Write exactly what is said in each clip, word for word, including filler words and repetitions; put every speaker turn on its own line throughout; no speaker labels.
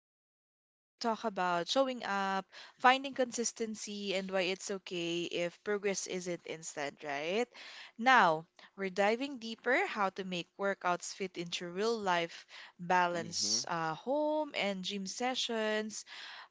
first part, we talk about showing up, finding consistency, and why it's okay if progress isn't instant, right? Now, we're diving deeper how to make workouts fit into real life
Mm-hmm.
balance, uh, home and gym sessions,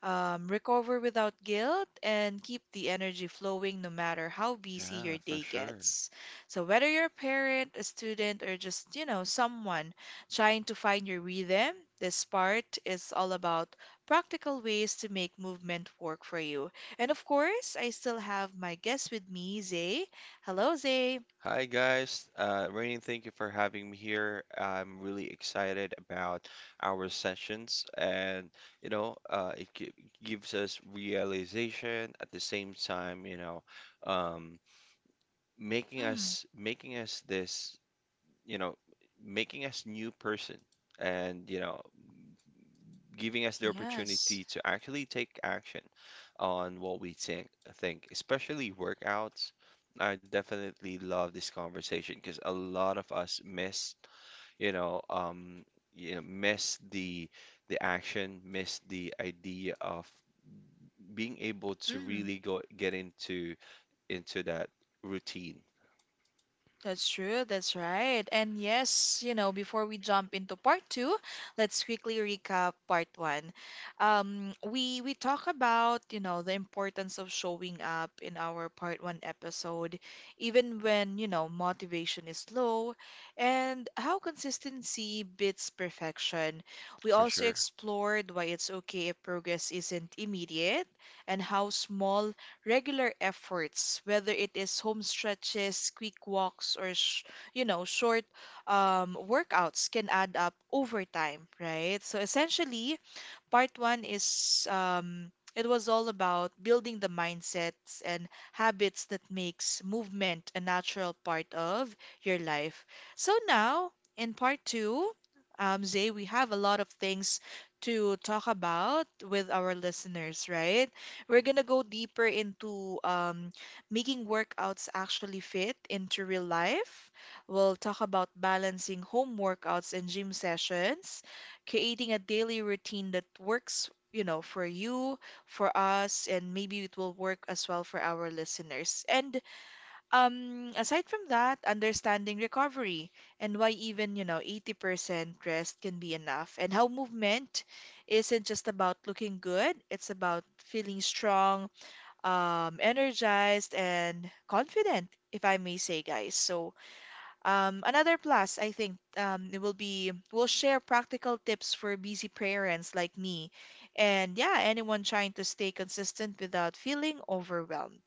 um, recover without guilt, and keep the energy flowing no matter how busy
Yeah,
your
for
day
sure.
gets. So, whether you're a parent, a student, or just, you know, someone trying to find your rhythm, this part is all about practical ways to make movement work for you. And of course, I still have my guest with me, Zay. Hello, Zay.
Hi guys, uh, Rainy, thank you for having me here. I'm really excited about our sessions, and you know, uh, it gi- gives us realization at the same time, you know, um, making
Mm,
us making us this, you know, making us new person, and you know, giving us the
yes.
opportunity to actually take action on what we think, think especially workouts. I definitely love this conversation because a lot of us miss, you know, um, you know, miss the the action, miss the idea of being able to really go get into into that routine
That's true, that's right. And yes, you know, before we jump into part two, let's quickly recap part one. Um, we we talk about, you know, the importance of showing up in our part one episode, even when, you know, motivation is low, and how consistency beats perfection. We
for
also
sure.
explored why it's okay if progress isn't immediate and how small regular efforts, whether it is home stretches, quick walks, or sh you know, short um, workouts can add up over time, right? So essentially, part one is um, it was all about building the mindsets and habits that makes movement a natural part of your life. So now in part two, um, Zay, we have a lot of things to talk about with our listeners, right? We're gonna go deeper into um, making workouts actually fit into real life. We'll talk about balancing home workouts and gym sessions, creating a daily routine that works, you know, for you, for us, and maybe it will work as well for our listeners. And um, aside from that, understanding recovery and why even, you know, eighty percent rest can be enough, and how movement isn't just about looking good, it's about feeling strong, um, energized, and confident, if I may say, guys. So, um, another plus, I think, um, it will be we'll share practical tips for busy parents like me, and yeah, anyone trying to stay consistent without feeling overwhelmed.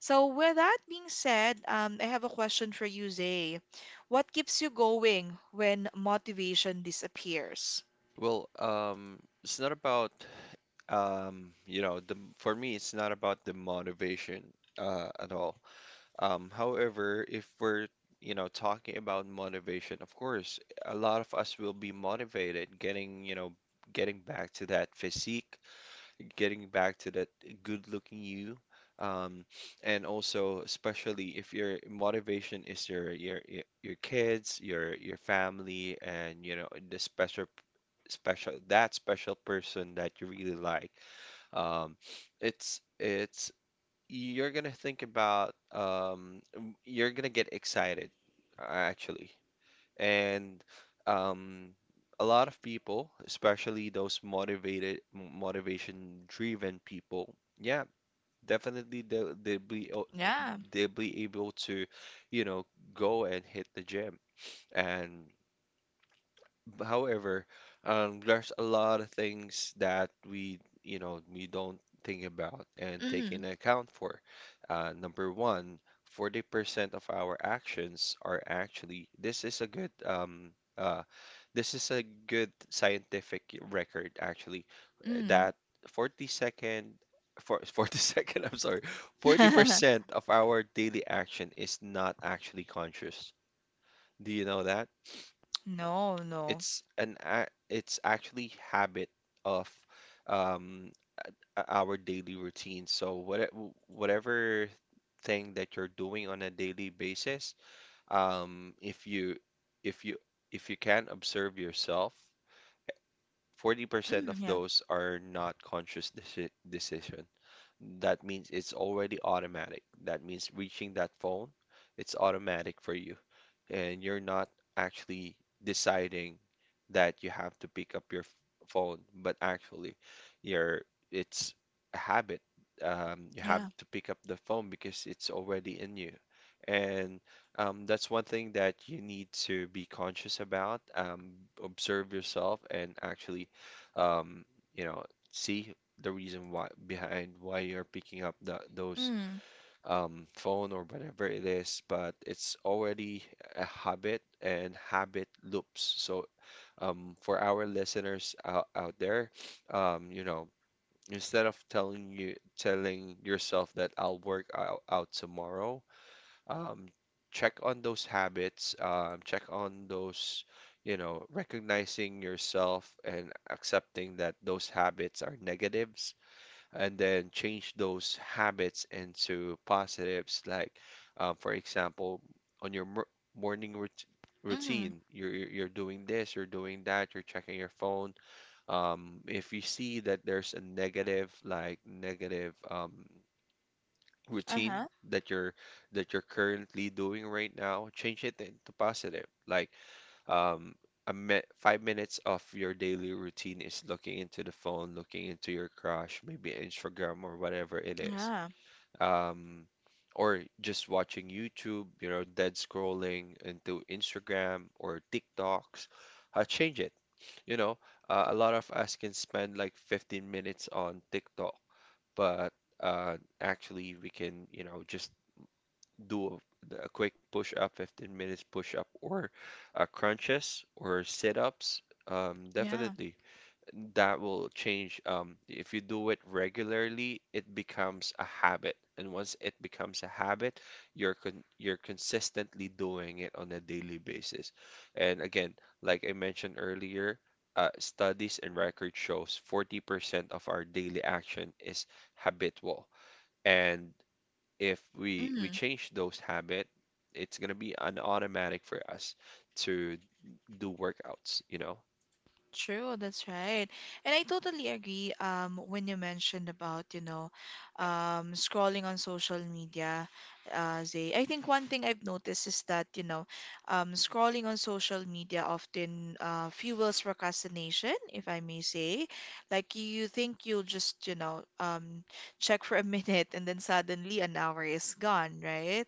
So, with that being said, um, I have a question for you, Zay. What keeps you going when motivation disappears?
Well, um, it's not about um, you know, the for me, it's not about the motivation uh, at all. Um, however, if we're you know talking about motivation, of course, a lot of us will be motivated getting you know getting back to that physique, getting back to that good looking you, um, and also especially if your motivation is your your your your kids, your your family, and you know the special special that special person that you really like. Um, it's it's You're gonna think about, um, you're gonna get excited, uh, actually. And um, a lot of people, especially those motivated, motivation driven people, yeah, definitely they'll, they'll be, o-
Yeah.
they'll be able to, you know, go and hit the gym. And B- however, um, there's a lot of things that we, you know, we don't think about and take
Mm.
into account for. Uh, number one, forty percent of our actions are actually— this is a good, um, uh, this is a good scientific record actually,
Mm.
that forty second, for, forty second, I'm sorry, forty percent of our daily action is not actually conscious. Do you know that?
No. No, no.
It's an a- it's actually habit of um o- our daily routine. So what whatever thing that you're doing on a daily basis, um, if you if you if you can observe yourself, forty percent of
Yeah.
those are not conscious deci decision. That means it's already automatic. That means reaching that phone, it's automatic for you. And you're not actually deciding that you have to pick up your f- phone, but actually you're it's a habit. Um, you have
Yeah.
to pick up the phone because it's already in you. And um, that's one thing that you need to be conscious about. Um, observe yourself and actually, um, you know, see the reason why behind why you're picking up the, those
Mm.
um, phone or whatever it is. But it's already a habit and habit loops. So um, for our listeners out, out there, um, you know, instead of telling you telling yourself that I'll work out, out tomorrow, um, check on those habits, um, check on those, you know, recognizing yourself and accepting that those habits are negatives, and then change those habits into positives. Like, um, for example, on your mor morning rout
Mm.
routine, you're you're you're doing this, you're doing that, you're checking your phone. Um, if you see that there's a negative, like negative, um, routine
Uh-huh.
that you're that you're currently doing right now, change it into positive. Like um, a mi- five minutes of your daily routine is looking into the phone, looking into your crush, maybe Instagram or whatever it is.
Yeah.
Um, or just watching YouTube, you know, dead scrolling into Instagram or TikToks. Uh, change it. You know, uh, a lot of us can spend like fifteen minutes on TikTok, but uh, actually we can, you know, just do a, a quick push up, fifteen minutes push up, or uh, crunches or sit ups, um,
Yeah.
definitely that will change. Um, if you do it regularly, it becomes a habit. And once it becomes a habit, you're con you're consistently doing it on a daily basis. And again, like I mentioned earlier, uh, studies and record shows forty percent of our daily action is habitual. And if we we
Mm.
change those habit, it's gonna be an automatic for us to do workouts, you know?
True, that's right. And I totally agree um when you mentioned about, you know, um scrolling on social media, uh Zay. I think one thing I've noticed is that, you know, um scrolling on social media often uh fuels procrastination, if I may say. Like you think you'll just, you know, um check for a minute and then suddenly an hour is gone, right?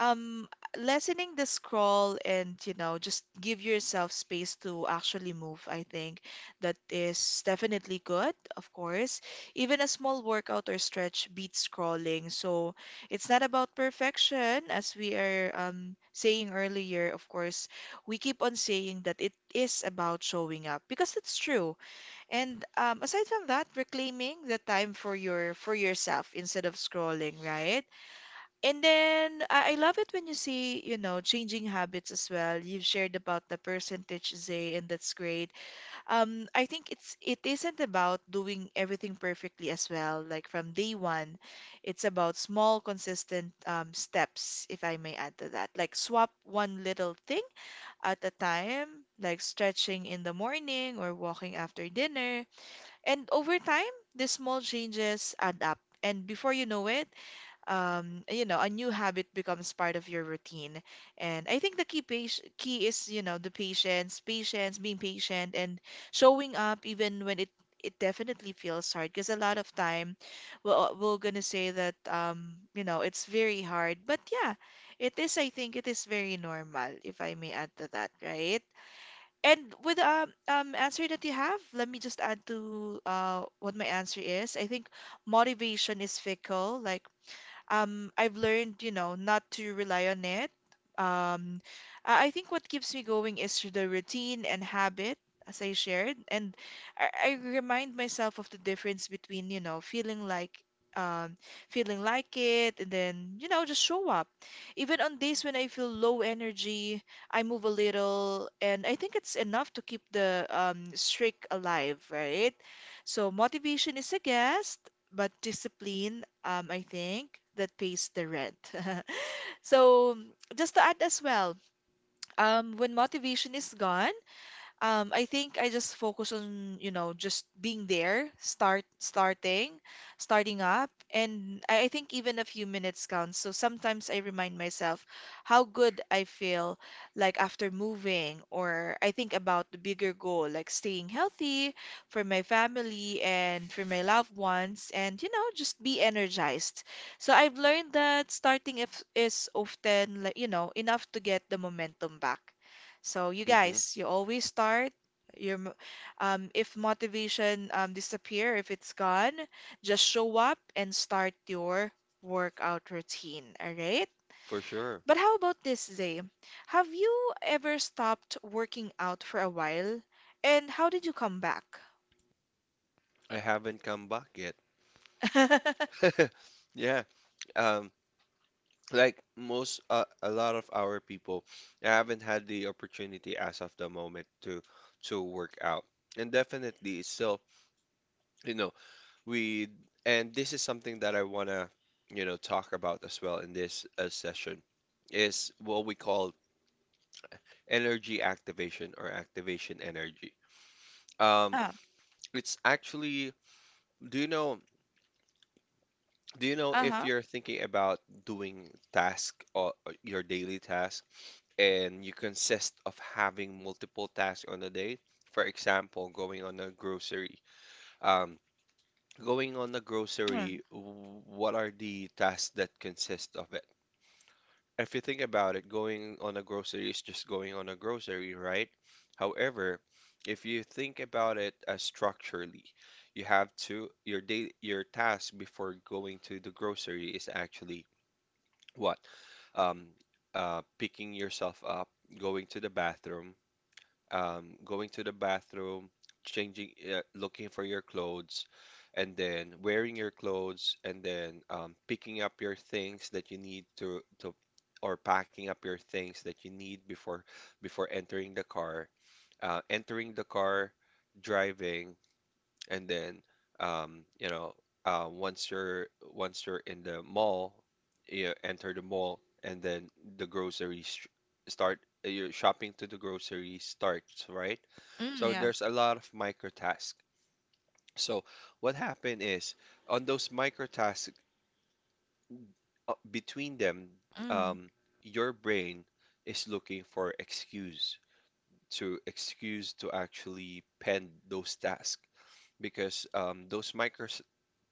um lessening the scroll and you know just give yourself space to actually move. I think that is definitely good, of course. Even a small workout or stretch beats scrolling, so it's not about perfection, as we are um saying earlier. Of course, we keep on saying that it is about showing up because it's true. And um aside from that, reclaiming the time for your for yourself instead of scrolling, right? And then I, I love it when you see, you know, changing habits as well. You've shared about the percentage, Zay, and that's great. Um, I think it's it isn't about doing everything perfectly as well, like from day one. It's about small, consistent um, steps, if I may add to that. Like swap one little thing at a time, like stretching in the morning or walking after dinner. And over time, these small changes add up. And before you know it, um, you know, a new habit becomes part of your routine. And I think the key page, key is, you know, the patience, patience, being patient, and showing up even when it it definitely feels hard. Because a lot of time, we're, we're gonna say that, um, you know, it's very hard. But yeah, it is. I think it is very normal, if I may add to that, right? And with the um, um, answer that you have, let me just add to uh, what my answer is. I think motivation is fickle. Like um, I've learned, you know, not to rely on it. Um, I I think what keeps me going is the routine and habit, as I shared, and I, I remind myself of the difference between, you know, feeling like um, feeling like it, and then, you know, just show up. Even on days when I feel low energy, I move a little, and I think it's enough to keep the um, streak alive, right? So motivation is a guest, but discipline, um, I think, that pays the rent. So just to add as well, um, when motivation is gone, um, I think I just focus on, you know, just being there, start starting, starting up, and I, I think even a few minutes counts. So sometimes I remind myself how good I feel like after moving, or I think about the bigger goal, like staying healthy for my family and for my loved ones, and you know, just be energized. So I've learned that starting if is often like, you know, enough to get the momentum back. So you
Hmm.
guys, you always start your mo- um if motivation um disappear, if it's gone, just show up and start your workout routine, all right?
For sure.
But how about this, Zay? Have you ever stopped working out for a while? And how did you come back?
I haven't come back yet. Yeah. Um, like most uh, a lot of our people, I haven't had the opportunity as of the moment to to work out. And definitely still, you know, we and this is something that I wanna, you know, talk about as well in this uh, session is what we call energy activation or activation energy. Um,
Ah,
it's actually, do you know, do you know if
uh-huh.
you're thinking about doing task or or your daily task and you consist of having multiple tasks on a day? For example, going on a grocery, um, going on a
Mm,
grocery, w- what are the tasks that consist of it? If you think about it, going on a grocery is just going on a grocery, right? However, if you think about it as structurally, you have to your day your task before going to the grocery is actually what? Um, uh, Picking yourself up, going to the bathroom, um, going to the bathroom, changing, uh, looking for your clothes, and then wearing your clothes, and then um, picking up your things that you need to to or packing up your things that you need before before entering the car, uh, entering the car, driving, and then um, you know uh, once you're once you're in the mall you enter the mall, and then the groceries sh- start uh, your shopping to the grocery starts, right?
mm,
So
yeah.
there's a lot of micro tasks. So what happened is on those micro tasks, uh, between them,
Mm,
um, your brain is looking for excuse to excuse to actually pen those tasks, because um, those micro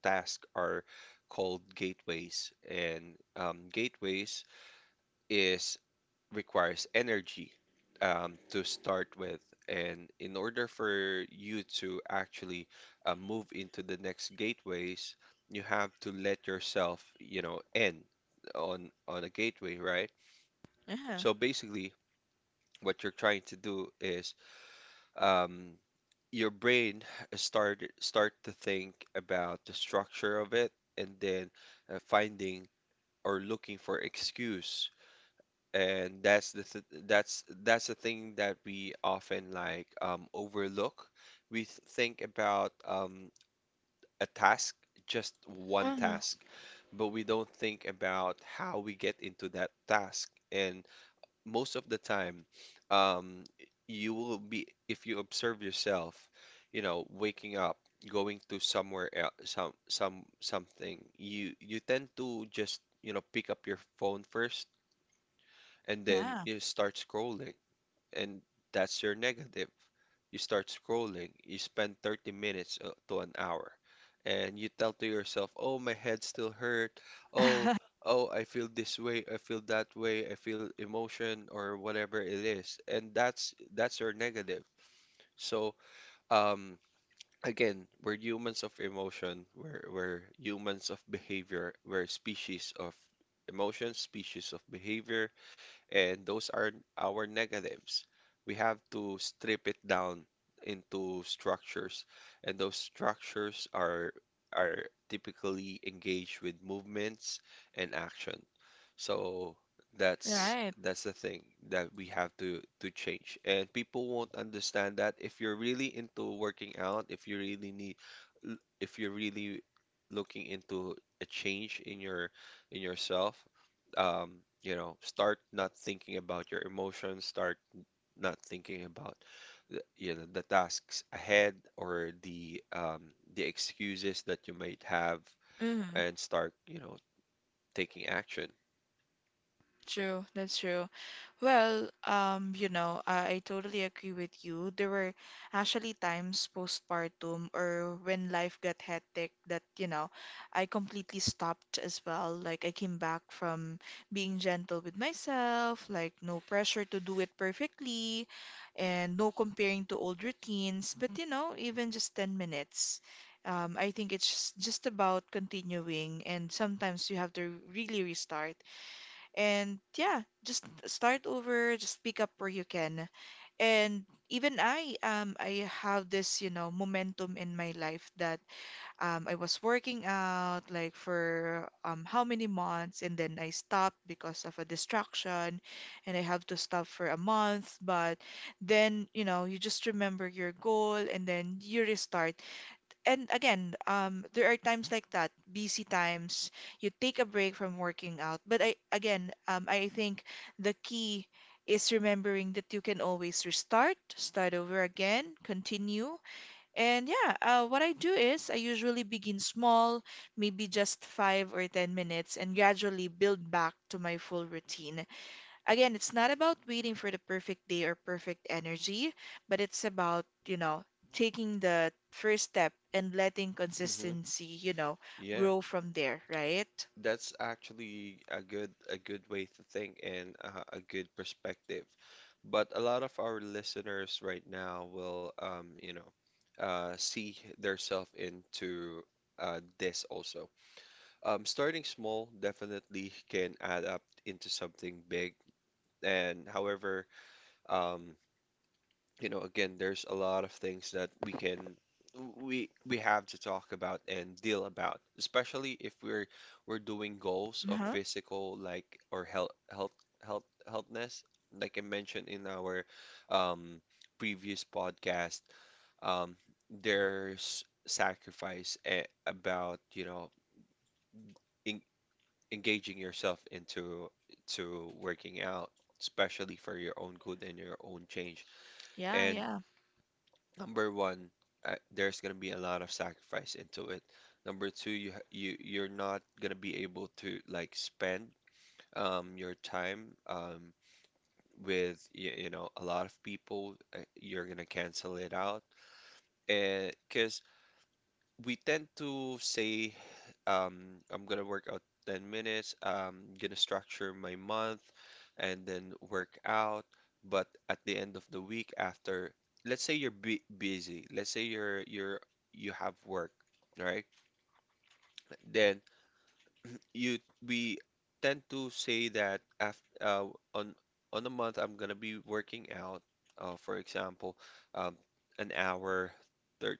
tasks are called gateways, and um, gateways is requires energy um, to start with, and in order for you to actually uh, move into the next gateways, you have to let yourself, you know, end on on a gateway, right?
yeah.
So basically, what you're trying to do is um, your brain start start to think about the structure of it, and then uh, finding or looking for excuse, and that's the th that's that's the thing that we often like um, overlook. We th think about um, a task, just one
Mm,
task, but we don't think about how we get into that task. And most of the time, um, you will be, if you observe yourself, you know, waking up, going to somewhere else, some, some, something, you, you tend to just, you know, pick up your phone first, and then
yeah.
you start scrolling, and that's your negative. You start scrolling, you spend thirty minutes uh, to an hour, and you tell to yourself, oh, my head still hurt. Oh, oh, I feel this way, I feel that way, I feel emotion or whatever it is. And that's that's your negative. So, um, again, we're humans of emotion, we're, we're humans of behavior, we're species of emotion, species of behavior, and those are our negatives. We have to strip it down into structures, and those structures are are typically engaged with movements and action. So that's
Right.
that's the thing that we have to to change. And people won't understand that if you're really into working out, if you really need l- if you're really looking into a change in your in yourself, um, you know, start not thinking about your emotions, start not thinking about the, you know the tasks ahead or the um, the excuses that you might have,
Mm.
and start you know taking action.
True, that's true. Well, um, you know, I, I totally agree with you. There were actually times postpartum or when life got hectic that, you know, I completely stopped as well. Like, I came back from being gentle with myself, like, no pressure to do it perfectly, and no comparing to old routines. But, you know, even just ten minutes. Um, I think it's just about continuing, and sometimes you have to really restart. And yeah, just start over, just pick up where you can. And even I, um, I have this, you know, momentum in my life that um, I was working out like for um, how many months, and then I stopped because of a distraction, and I have to stop for a month. But then, you know, you just remember your goal, and then you restart, and again, um, there are times like that, busy times, you take a break from working out. But I again, um, I think the key is remembering that you can always restart, start over again, continue. And yeah, uh, what I do is I usually begin small, maybe just five or ten minutes, and gradually build back to my full routine. Again, it's not about waiting for the perfect day or perfect energy, but it's about, you know, taking the first step and letting
Hmm.
consistency, you know,
Yeah,
grow from there, right?
that's actually a good a good way to think, and uh, a good perspective. But a lot of our listeners right now will um, you know uh, see themselves into uh, this also. Um, starting small definitely can add up into something big. And however, um, you know, again, there's a lot of things that we can we we have to talk about and deal about, especially if we're we're doing goals of
Uh-huh.
physical like or health health health healthness, like I mentioned in our um, previous podcast. Um, there's sacrifice eh, about, you know, engaging yourself into to working out, especially for your own good and your own change.
Yeah,
And
yeah,
number one, uh, there's gonna be a lot of sacrifice into it. Number two, you ha- you you're not gonna be able to like spend um your time um with you, you know a lot of people. Uh, you're gonna cancel it out, and because we tend to say um, I'm gonna work out ten minutes. I'm gonna structure my month and then work out. But at the end of the week, after, let's say you're bu busy, let's say you're you're you have work, right? Then you we tend to say that after uh, on on a month I'm gonna be working out uh, for example, um, an hour thir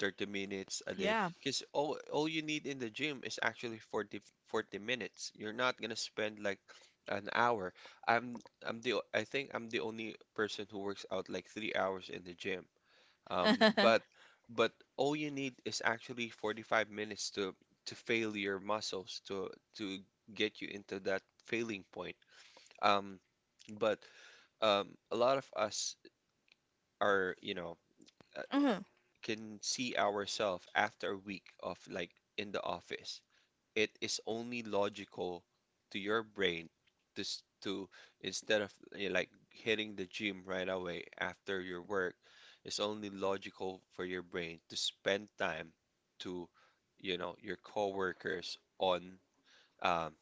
thirty minutes a day,
yeah.
because all all you need in the gym is actually forty forty minutes. You're not gonna spend like an hour. I'm I'm the o- I think I'm the only person who works out like three hours in the gym, um, but but all you need is actually forty-five minutes to to fail your muscles, to to get you into that failing point. Um, but um, A lot of us are, you know, uh,
Mm-hmm.
can see ourselves after a week of like in the office, it is only logical to your brain to s- to instead of, eh, like, hitting the gym right away after your work, it's only logical for your brain to spend time to, you know, your coworkers on, um,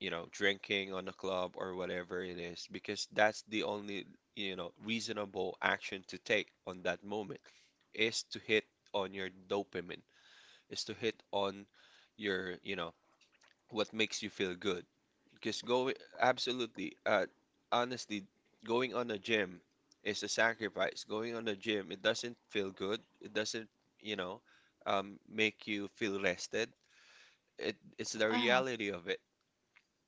you know, drinking on the club or whatever it is, because that's the only, you know, reasonable action to take on that moment, is to hit on your dopamine, is to hit on your, you know, what makes you feel good. Because going, absolutely, uh, honestly, going on a gym is a sacrifice. Going on a gym, it doesn't feel good. It doesn't, you know, um, make you feel rested. It, it's the
Ah,
reality of it,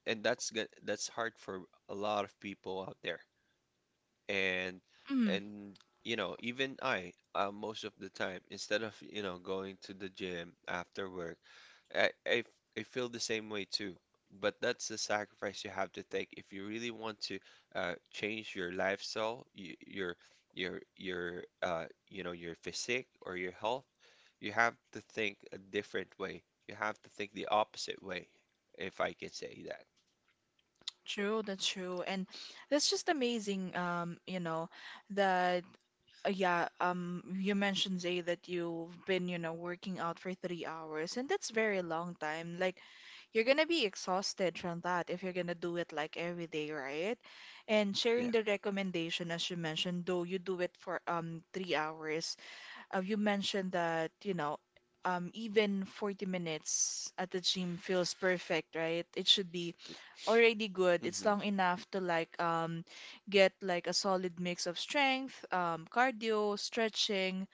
and that's good. That's hard for a lot of people out there. And
mm,
and you know, even I, uh, most of the time, instead of, you know, going to the gym after work, I I I feel the same way too. But that's the sacrifice you have to take if you really want to, uh, change your lifestyle, y- your your your uh, you know, your physique or your health. You have to think a different way. You have to think the opposite way, if I can say that.
true, that's true. And that's just amazing, um, you know, that uh, yeah, um, you mentioned, Zay, that you've been, you know, working out for three hours, and that's very long time. Like, you're gonna be exhausted from that if you're gonna do it like every day, right? And sharing
Yeah.
the recommendation, as you mentioned, though you do it for um three hours, uh, you mentioned that, you know, um even forty minutes at the gym feels perfect, right? It should be already good. It's
hmm
long enough to like um get like a solid mix of strength, um, cardio, stretching,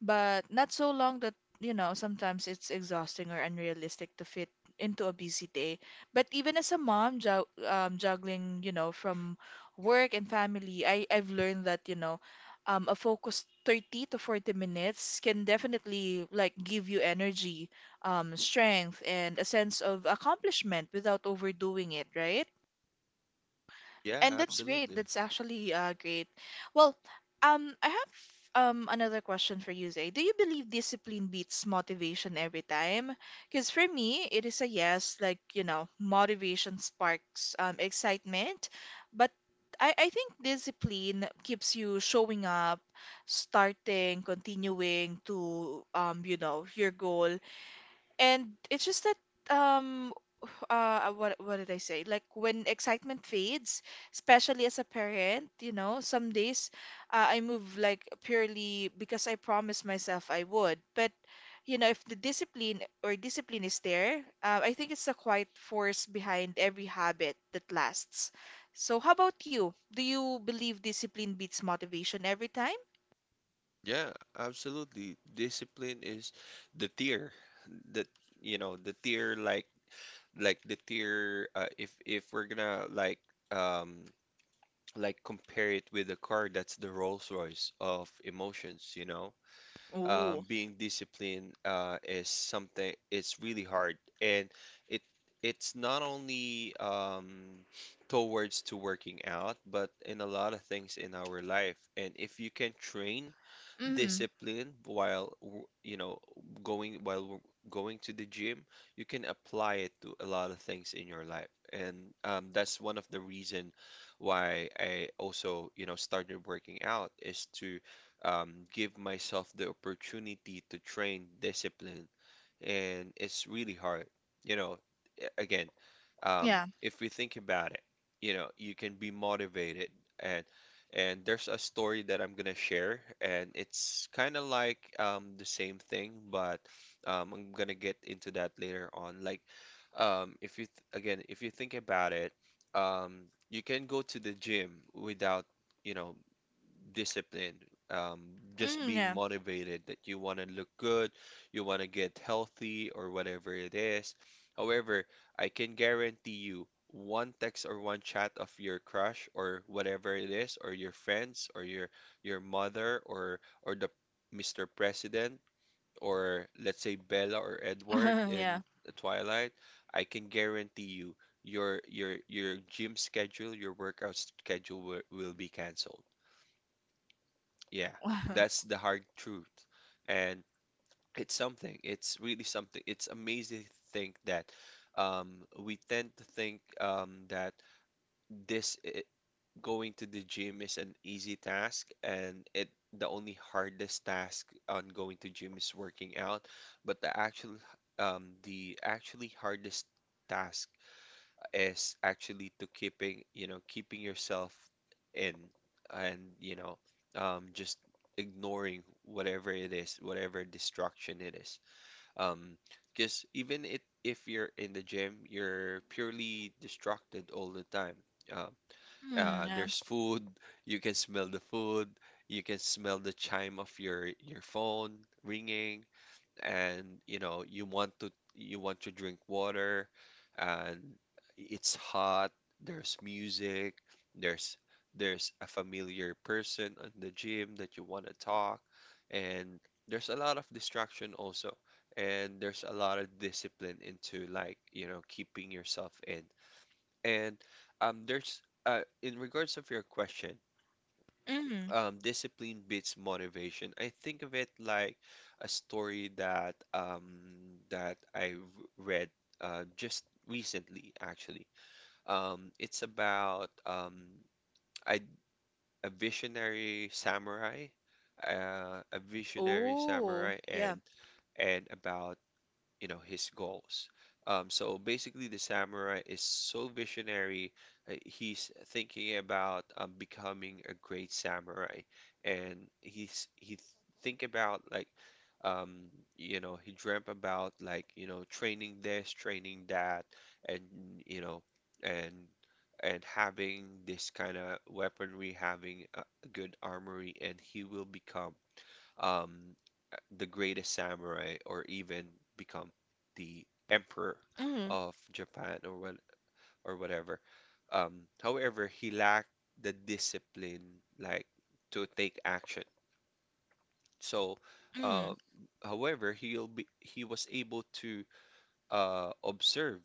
but not so long that you know sometimes it's exhausting or unrealistic to fit into a busy day. But even as a mom jug um, juggling, you know, from work and family, I I've learned that, you know, um, a focused thirty to forty minutes can definitely like give you energy, um, strength, and a sense of accomplishment without overdoing it, right?
Yeah,
And that's great.
absolutely.
That's actually uh, great. Well, um, I have um another question for you, Zay. Do you believe discipline beats motivation every time? Because for me, it is a yes. Like, you know, motivation sparks um, excitement, but I I think discipline keeps you showing up, starting, continuing to um you know your goal, and it's just that um uh uh, what what did I say? Like when excitement fades, especially as a parent, you know, some days uh, I move like purely because I promised myself I would. But you know, if the discipline or discipline is there, uh, I think it's the quiet force behind every habit that lasts. So how about you? Do you believe discipline beats motivation every time?
Yeah, absolutely. Discipline is the tier that, you know, the tier like like the tier uh, if if we're gonna like, um like, compare it with a car, that's the Rolls-Royce of emotions, you know.
Ooh.
Um being disciplined, uh is something, it's really hard. And it it's not only, um towards to working out, but in a lot of things in our life. And if you can train
Mm-hmm.
discipline while, w- you know, going while w- going to the gym, you can apply it to a lot of things in your life. And um, that's one of the reason why I also, you know, started working out, is to um, give myself the opportunity to train discipline. And it's really hard. You know, a- again, um,
Yeah.
if we think about it, you know, you can be motivated, and and there's a story that I'm gonna share, and it's kind of like, um, the same thing, but um, I'm gonna get into that later on. Like, um, if you th again, if you think about it, um, you can go to the gym without, you know, discipline, um, just
Mm,
being
yeah.
motivated that you want to look good, you want to get healthy, or whatever it is. However, I can guarantee you one text or one chat of your crush or whatever it is, or your friends, or your your mother, or or the Mister President, or let's say Bella or Edward
Yeah.
in Twilight, I can guarantee you your your your gym schedule, your workout schedule will, will be canceled. Yeah, that's the hard truth. And it's something. It's really something. It's amazing to think that um, we tend to think um, that this I going to the gym is an easy task, and it the only hardest task on going to gym is working out. But the actual, um, the actually hardest task is actually to keeping, you know, keeping yourself in, and, you know, um, just ignoring whatever it is, whatever distraction it is. Um, because even it, if you're in the gym, you're purely distracted all the time. Um,
Mm,
uh,
yeah.
there's food, you can smell the food, you can smell the chime of your your phone ringing, and you know, you want to you want to drink water, and it's hot, there's music, there's there's a familiar person in the gym that you want to talk, and there's a lot of distraction also, and there's a lot of discipline into, like, you know, keeping yourself in. And um there's, uh in regards of your question,
Mm.
um, discipline beats motivation. I think of it like a story that, um, that I read, uh, just recently, actually. Um, it's about, um, a, a visionary samurai, uh, a visionary
Oh,
samurai,
yeah.
and and about, you know, his goals. Um, so basically, the samurai is so visionary. uh, He's thinking about, um, becoming a great samurai, and he's he think about like, um, you know, he dreamt about, like, you know, training this, training that, and you know, and and having this kind of weaponry, having a a good armory, and he will become, um, uh, the greatest samurai, or even become the emperor
Mm,
of Japan, or what, or whatever. Um, however, he lacked the discipline, like, to take action. So,
mm,
uh, however, he'll be he was able to, uh, observe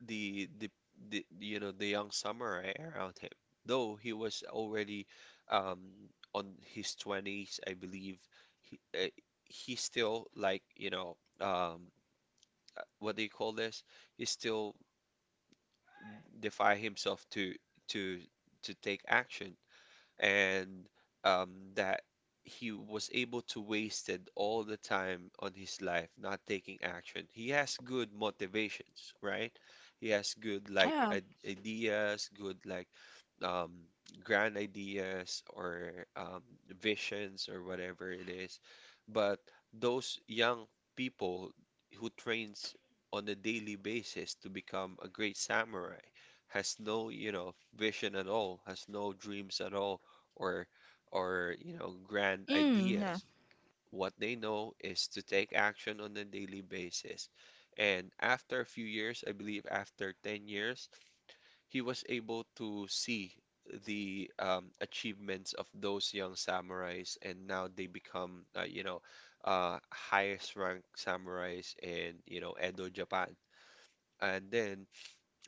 the, the the you know, the young samurai around him. Though he was already, um, on his twenties, I believe, he uh, he still like, you know, um, uh, what do you call this? He still defy himself to to to take action, and um, that he was able to wasted all the time on his life not taking action. He has good motivations, right? He has good like,
yeah.
i- ideas, good like, um, grand ideas, or um, visions or whatever it is. But those young people who trains on a daily basis to become a great samurai has no, you know, vision at all, has no dreams at all, or or you know, grand
Mm, yeah.
ideas. What they know is to take action on a daily basis. And after a few years, I believe after ten years, he was able to see the, um, achievements of those young samurais, and now they become, uh, you know, uh, highest ranked samurais in, you know, Edo, Japan. And then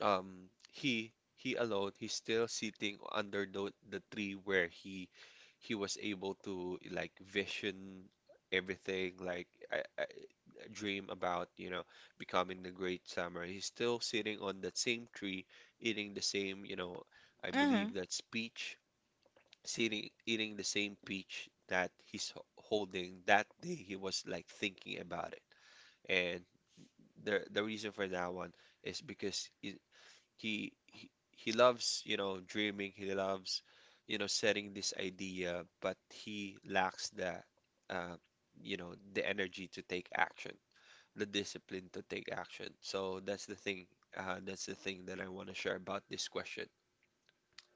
um he he alone, he's still sitting under the, the tree where he he was able to like vision everything. Like, I, I I dream about, you know, becoming the great samurai. He's still sitting on that same tree, eating the same, you know, I believe
Mm.
that's peach, sitting eating the same peach that he's ho- holding that day he was like thinking about it. And the the reason for that one is because he he he loves, you know, dreaming. He loves, you know, setting this idea, but he lacks the, uh, you know, the energy to take action, the discipline to take action. So that's the thing, uh, that's the thing that I want to share about this question.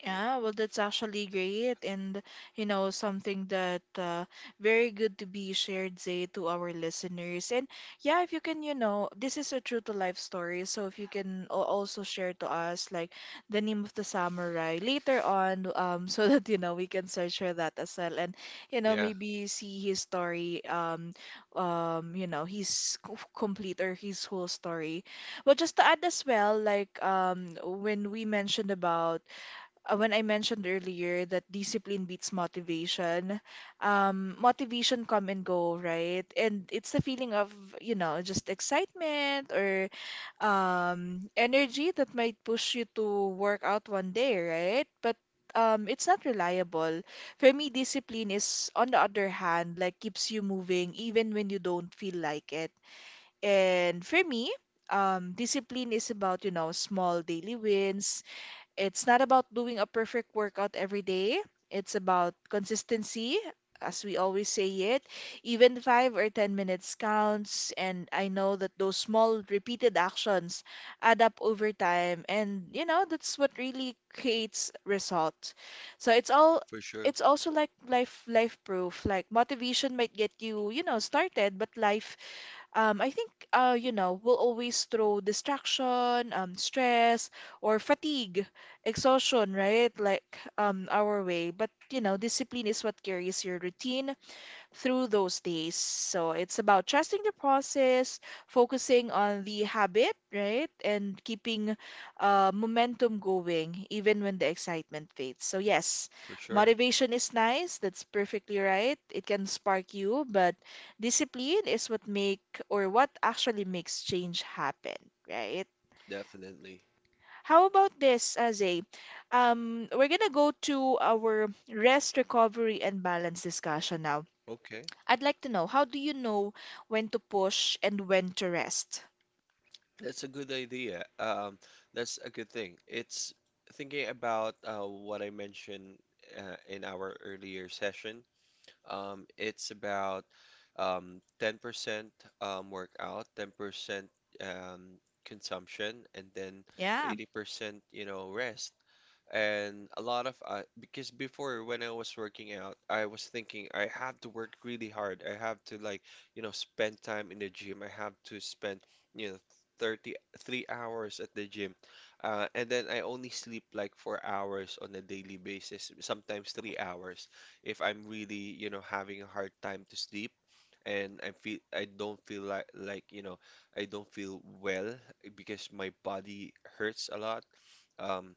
Yeah, well, that's actually great, and you know, something that uh, very good to be shared, Zay, to our listeners. And yeah, if you can, you know, this is a true to life story, so if you can al- also share to us like the name of the samurai later on, um, so that you know we can search for that as well, and you know,
Yeah,
maybe see his story, um, um, you know, his co- complete or his whole story. Well, just to add as well, like um, when we mentioned about uh, when I mentioned earlier that discipline beats motivation. Um, motivation come and go, right? And it's the feeling of, you know, just excitement or um, energy that might push you to work out one day, right? But um, it's not reliable. For me, discipline is, on the other hand, like keeps you moving even when you don't feel like it. And for me, um, discipline is about, you know, small daily wins. It's not about doing a perfect workout every day. It's about consistency, as we always say it. Even five or ten minutes counts, and I know that those small repeated actions add up over time, and you know that's what really creates result. So it's all
for sure.
it's also like life life proof. Like motivation might get you, you know, started, but life um, I think, uh, you know, we will always throw distraction, um, stress, or fatigue, exhaustion, right? Like, um, our way. But, you know, discipline is what carries your routine through those days. So it's about trusting the process, focusing on the habit, right? And keeping uh, momentum going even when the excitement fades. So, yes,
For sure.
motivation is nice. That's perfectly right. It can spark you, but discipline is what make or what actually makes change happen, right?
Definitely.
How about this, Azay? Um, we're gonna go to our rest, recovery, and balance discussion now.
Okay.
I'd like to know, how do you know when to push and when to rest?
That's a good idea. Um, that's a good thing. It's thinking about, uh, what I mentioned, uh, in our earlier session. Um, it's about, um, ten percent um, workout, ten percent um, consumption, and then
Yeah.
eighty percent, you know, rest. And a lot of, uh, because before when I was working out, I was thinking I have to work really hard. I have to like, you know, spend time in the gym. I have to spend, you know, thirty, three hours at the gym. Uh, and then I only sleep like four hours on a daily basis, sometimes three hours if I'm really, you know, having a hard time to sleep. And I feel I don't feel like, like, you know, I don't feel well because my body hurts a lot. Um,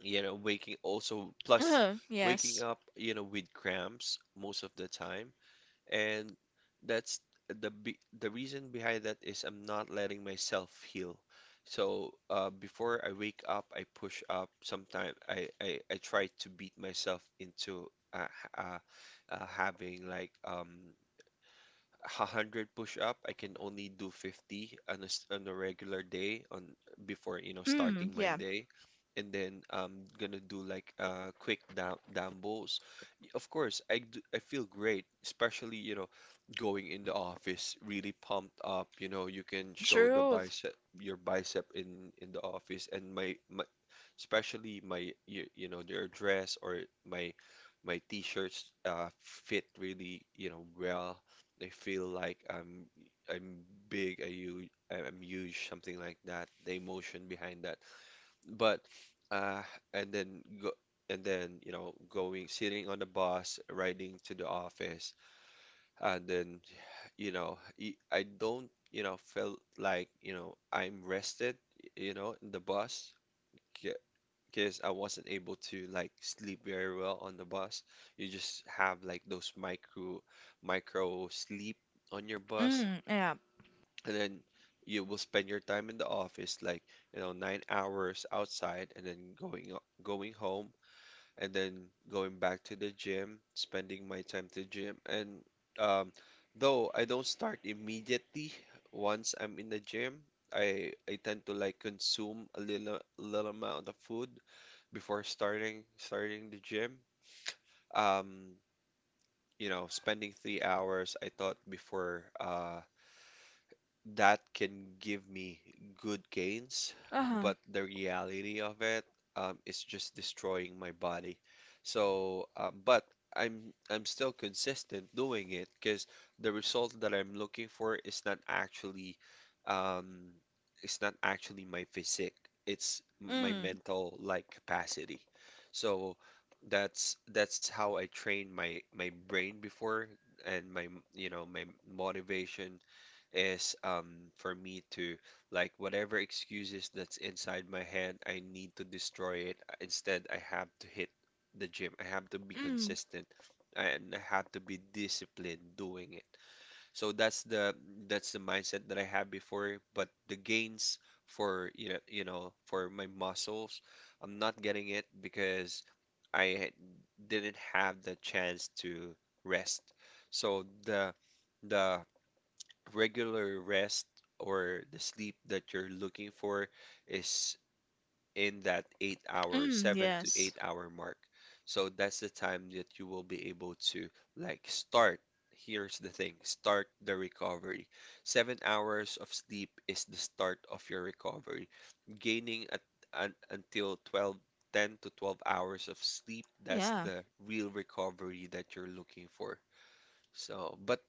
you know, waking also plus
Uh-huh.
waking
Yes.
up, you know, with cramps most of the time. And that's the be the reason behind that is I'm not letting myself heal. So, uh, before I wake up, I push up. Sometimes I, I I try to beat myself into, uh, h- uh, uh, having like, um one hundred push-up, I can only do fifty on a, s- on a regular day on before, you know,
Mm,
starting my
yeah.
day. And then I'm gonna do like, uh quick dam dumbbells. Y- Of course, I do, I feel great, especially, you know, going in the office really pumped up, you know, you can show the
Truth.
bicep your bicep in in the office. And my, my, especially my, you, you know, their dress or my my t-shirts, uh fit really, you know, well. They feel like I'm I'm big, I huge, I'm huge, something like that. The emotion behind that. But uh, and then go and then, you know, going sitting on the bus, riding to the office, and then you know, y- I don't, you know, felt like, you know, I'm rested, you know, in the bus. Because I wasn't able to like sleep very well on the bus. You just have like those micro micro sleep on your bus,
Mm, yeah.
and then you will spend your time in the office like you know nine hours outside and then going o- going home, and then going back to the gym, spending my time to gym, and um, though I don't start immediately once I'm in the gym. I I tend to like consume a little little amount of food before starting starting the gym. um you know spending three hours, I thought before uh that can give me good gains,
Uh-huh.
but the reality of it um, is just destroying my body. So, um, but I'm I'm still consistent doing it because the result that I'm looking for is not actually, um, it's not actually my physique. It's my
Mm,
mental like capacity. So that's that's how I trained my my brain before, and my you know my motivation is, um for me to, like, whatever excuses that's inside my head, I need to destroy it. Instead, I have to hit the gym. I have to be
mm,
consistent, and I have to be disciplined doing it. So that's the that's the mindset that I had before, but the gains for you know, you know for my muscles, I'm not getting it because I didn't have the chance to rest. So the the regular rest or the sleep that you're looking for is in that eight hour,
mm,
seven to
yes.
eight hour mark. So that's the time that you will be able to like start. Here's the thing, start the recovery. Seven hours of sleep is the start of your recovery. Gaining at, un, until twelve, ten to twelve hours of sleep, that's
Yeah.
the real recovery that you're looking for. So, but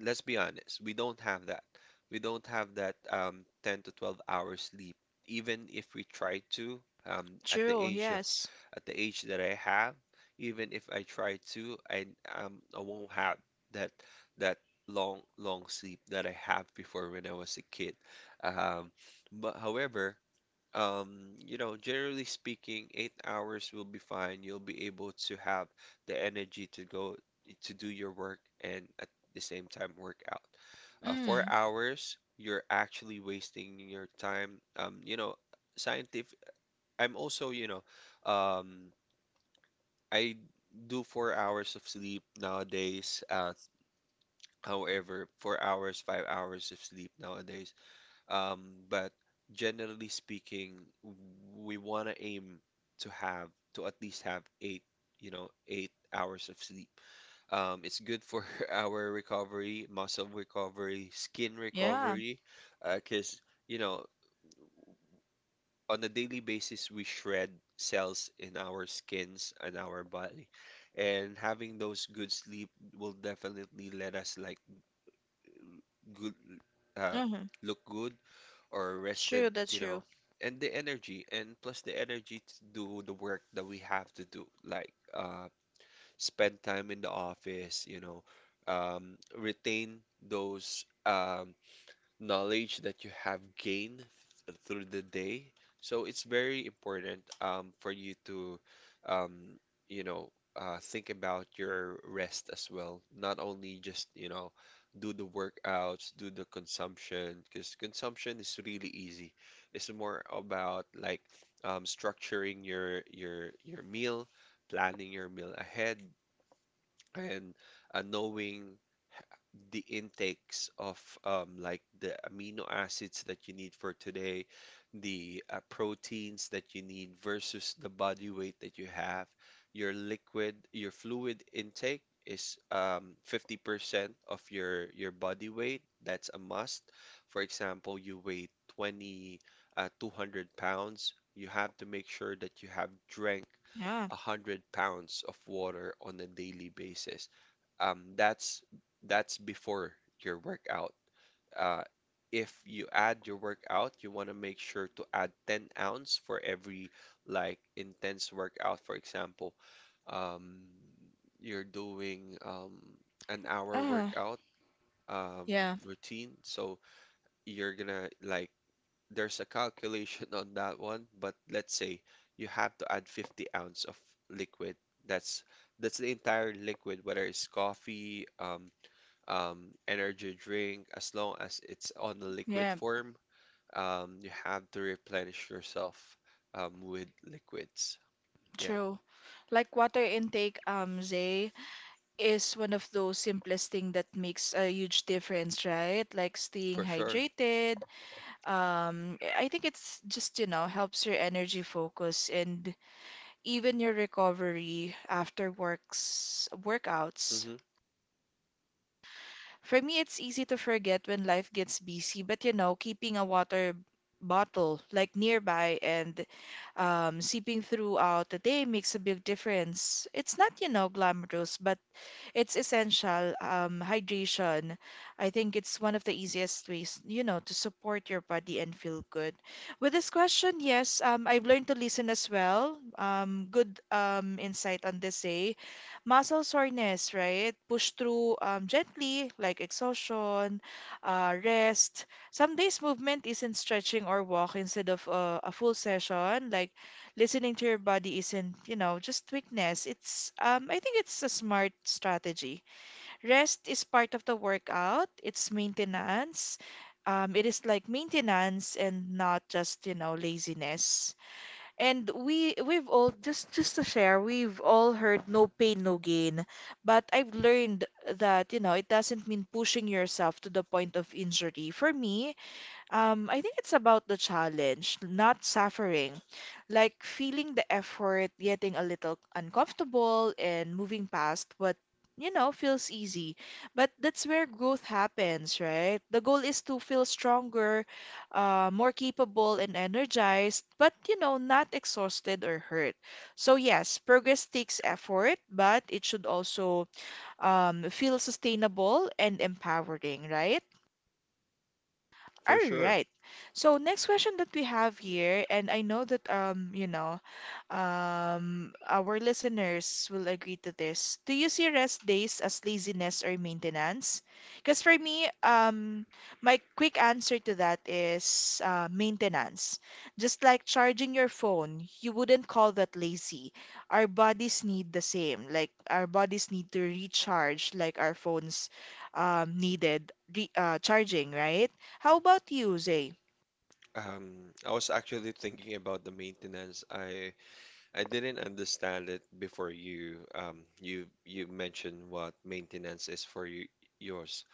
let's be honest, we don't have that. We don't have that, um, ten to twelve hours sleep. Even if we try to, um, at the
True,
age of
yes.
at the age that I have, even if I try to, I um, I won't have that that long, long sleep that I have before when I was a kid. Um, but however, um, you know, generally speaking, eight hours will be fine. You'll be able to have the energy to go to do your work, and at the same time work out. Uh, four
Mm,
hours, you're actually wasting your time. Um, you know, scientific. I'm also, you know, um, I do four hours of sleep nowadays. Uh, however, four hours, five hours of sleep nowadays. Um, but generally speaking, we want to aim to have to at least have eight, you know, eight hours of sleep. Um, it's good for our recovery, muscle recovery, skin
yeah.
recovery, because, you know, on a daily basis, we shred cells in our skins and our body. And having those good sleep will definitely let us like good, uh,
Uh-huh.
look good or rested,
True, that's
you know,
true.
and the energy, and plus the energy to do the work that we have to do, like, uh, spend time in the office, you know, um, retain those um, knowledge that you have gained th- through the day. So it's very important, um, for you to, um, you know, uh, think about your rest as well. Not only just, you know, do the workouts, do the consumption, because consumption is really easy. It's more about like, um, structuring your your your meal, planning your meal ahead, and uh, knowing the intakes of, um, like, the amino acids that you need for today, the uh, proteins that you need versus the body weight that you have. Your liquid, your fluid intake is, um, fifty percent of your your body weight. That's a must. For example, you weigh twenty, uh, two hundred pounds, you have to make sure that you have drank
Yeah.
one hundred pounds of water on a daily basis. Um, that's that's before your workout. Uh, if you add your workout, you want to make sure to add ten ounce for every like intense workout. For example, um, you're doing, um, an hour
Uh,
workout, um,
yeah.
routine, so you're gonna, like, there's a calculation on that one, but let's say you have to add fifty ounce of liquid. That's that's the entire liquid, whether it's coffee, um, um, energy drink, as long as it's on the liquid
Yeah.
form, um, you have to replenish yourself, um, with liquids. Yeah.
True. Like water intake, um, Zay, is one of those simplest thing that makes a huge difference, right? Like staying
For sure.
hydrated. Um, I think it's just, you know, helps your energy focus and even your recovery after works workouts.
Mm-hmm.
For me, it's easy to forget when life gets busy, but you know, keeping a water bottle like nearby and um, sipping throughout the day makes a big difference. It's not, you know, glamorous, but it's essential. Um, hydration, I think it's one of the easiest ways, you know, to support your body and feel good. With this question, yes, um, I've learned to listen as well. Um, good um, insight on this day. Muscle soreness, right? Push through um, gently, like exhaustion, uh, rest. Some days movement isn't stretching or walk instead of uh, a full session, like listening to your body isn't, you know, just weakness. It's um I think it's a smart strategy. Rest is part of the workout. It's maintenance. Um, it is like maintenance and not just, you know, laziness. And we we've all just just to share, we've all heard no pain, no gain. But I've learned that, you know, it doesn't mean pushing yourself to the point of injury. For me, um, I think it's about the challenge, not suffering, like feeling the effort, getting a little uncomfortable, and moving past what, you know, feels easy. But that's where growth happens, right? The goal is to feel stronger, uh, more capable, and energized, but, you know, not exhausted or hurt. So, yes, progress takes effort, but it should also um, feel sustainable and empowering, right?
For
All
sure.
right. So next question that we have here, and I know that um, you know, um, our listeners will agree to this. Do you see rest days as laziness or maintenance? Because for me, um, my quick answer to that is uh, maintenance. Just like charging your phone, you wouldn't call that lazy. Our bodies need the same. Like our bodies need to recharge, like our phones um, needed re uh, charging, right? How about you, Zay?
Um, I was actually thinking about the maintenance. I I didn't understand it before you um you you mentioned what maintenance is for you yours.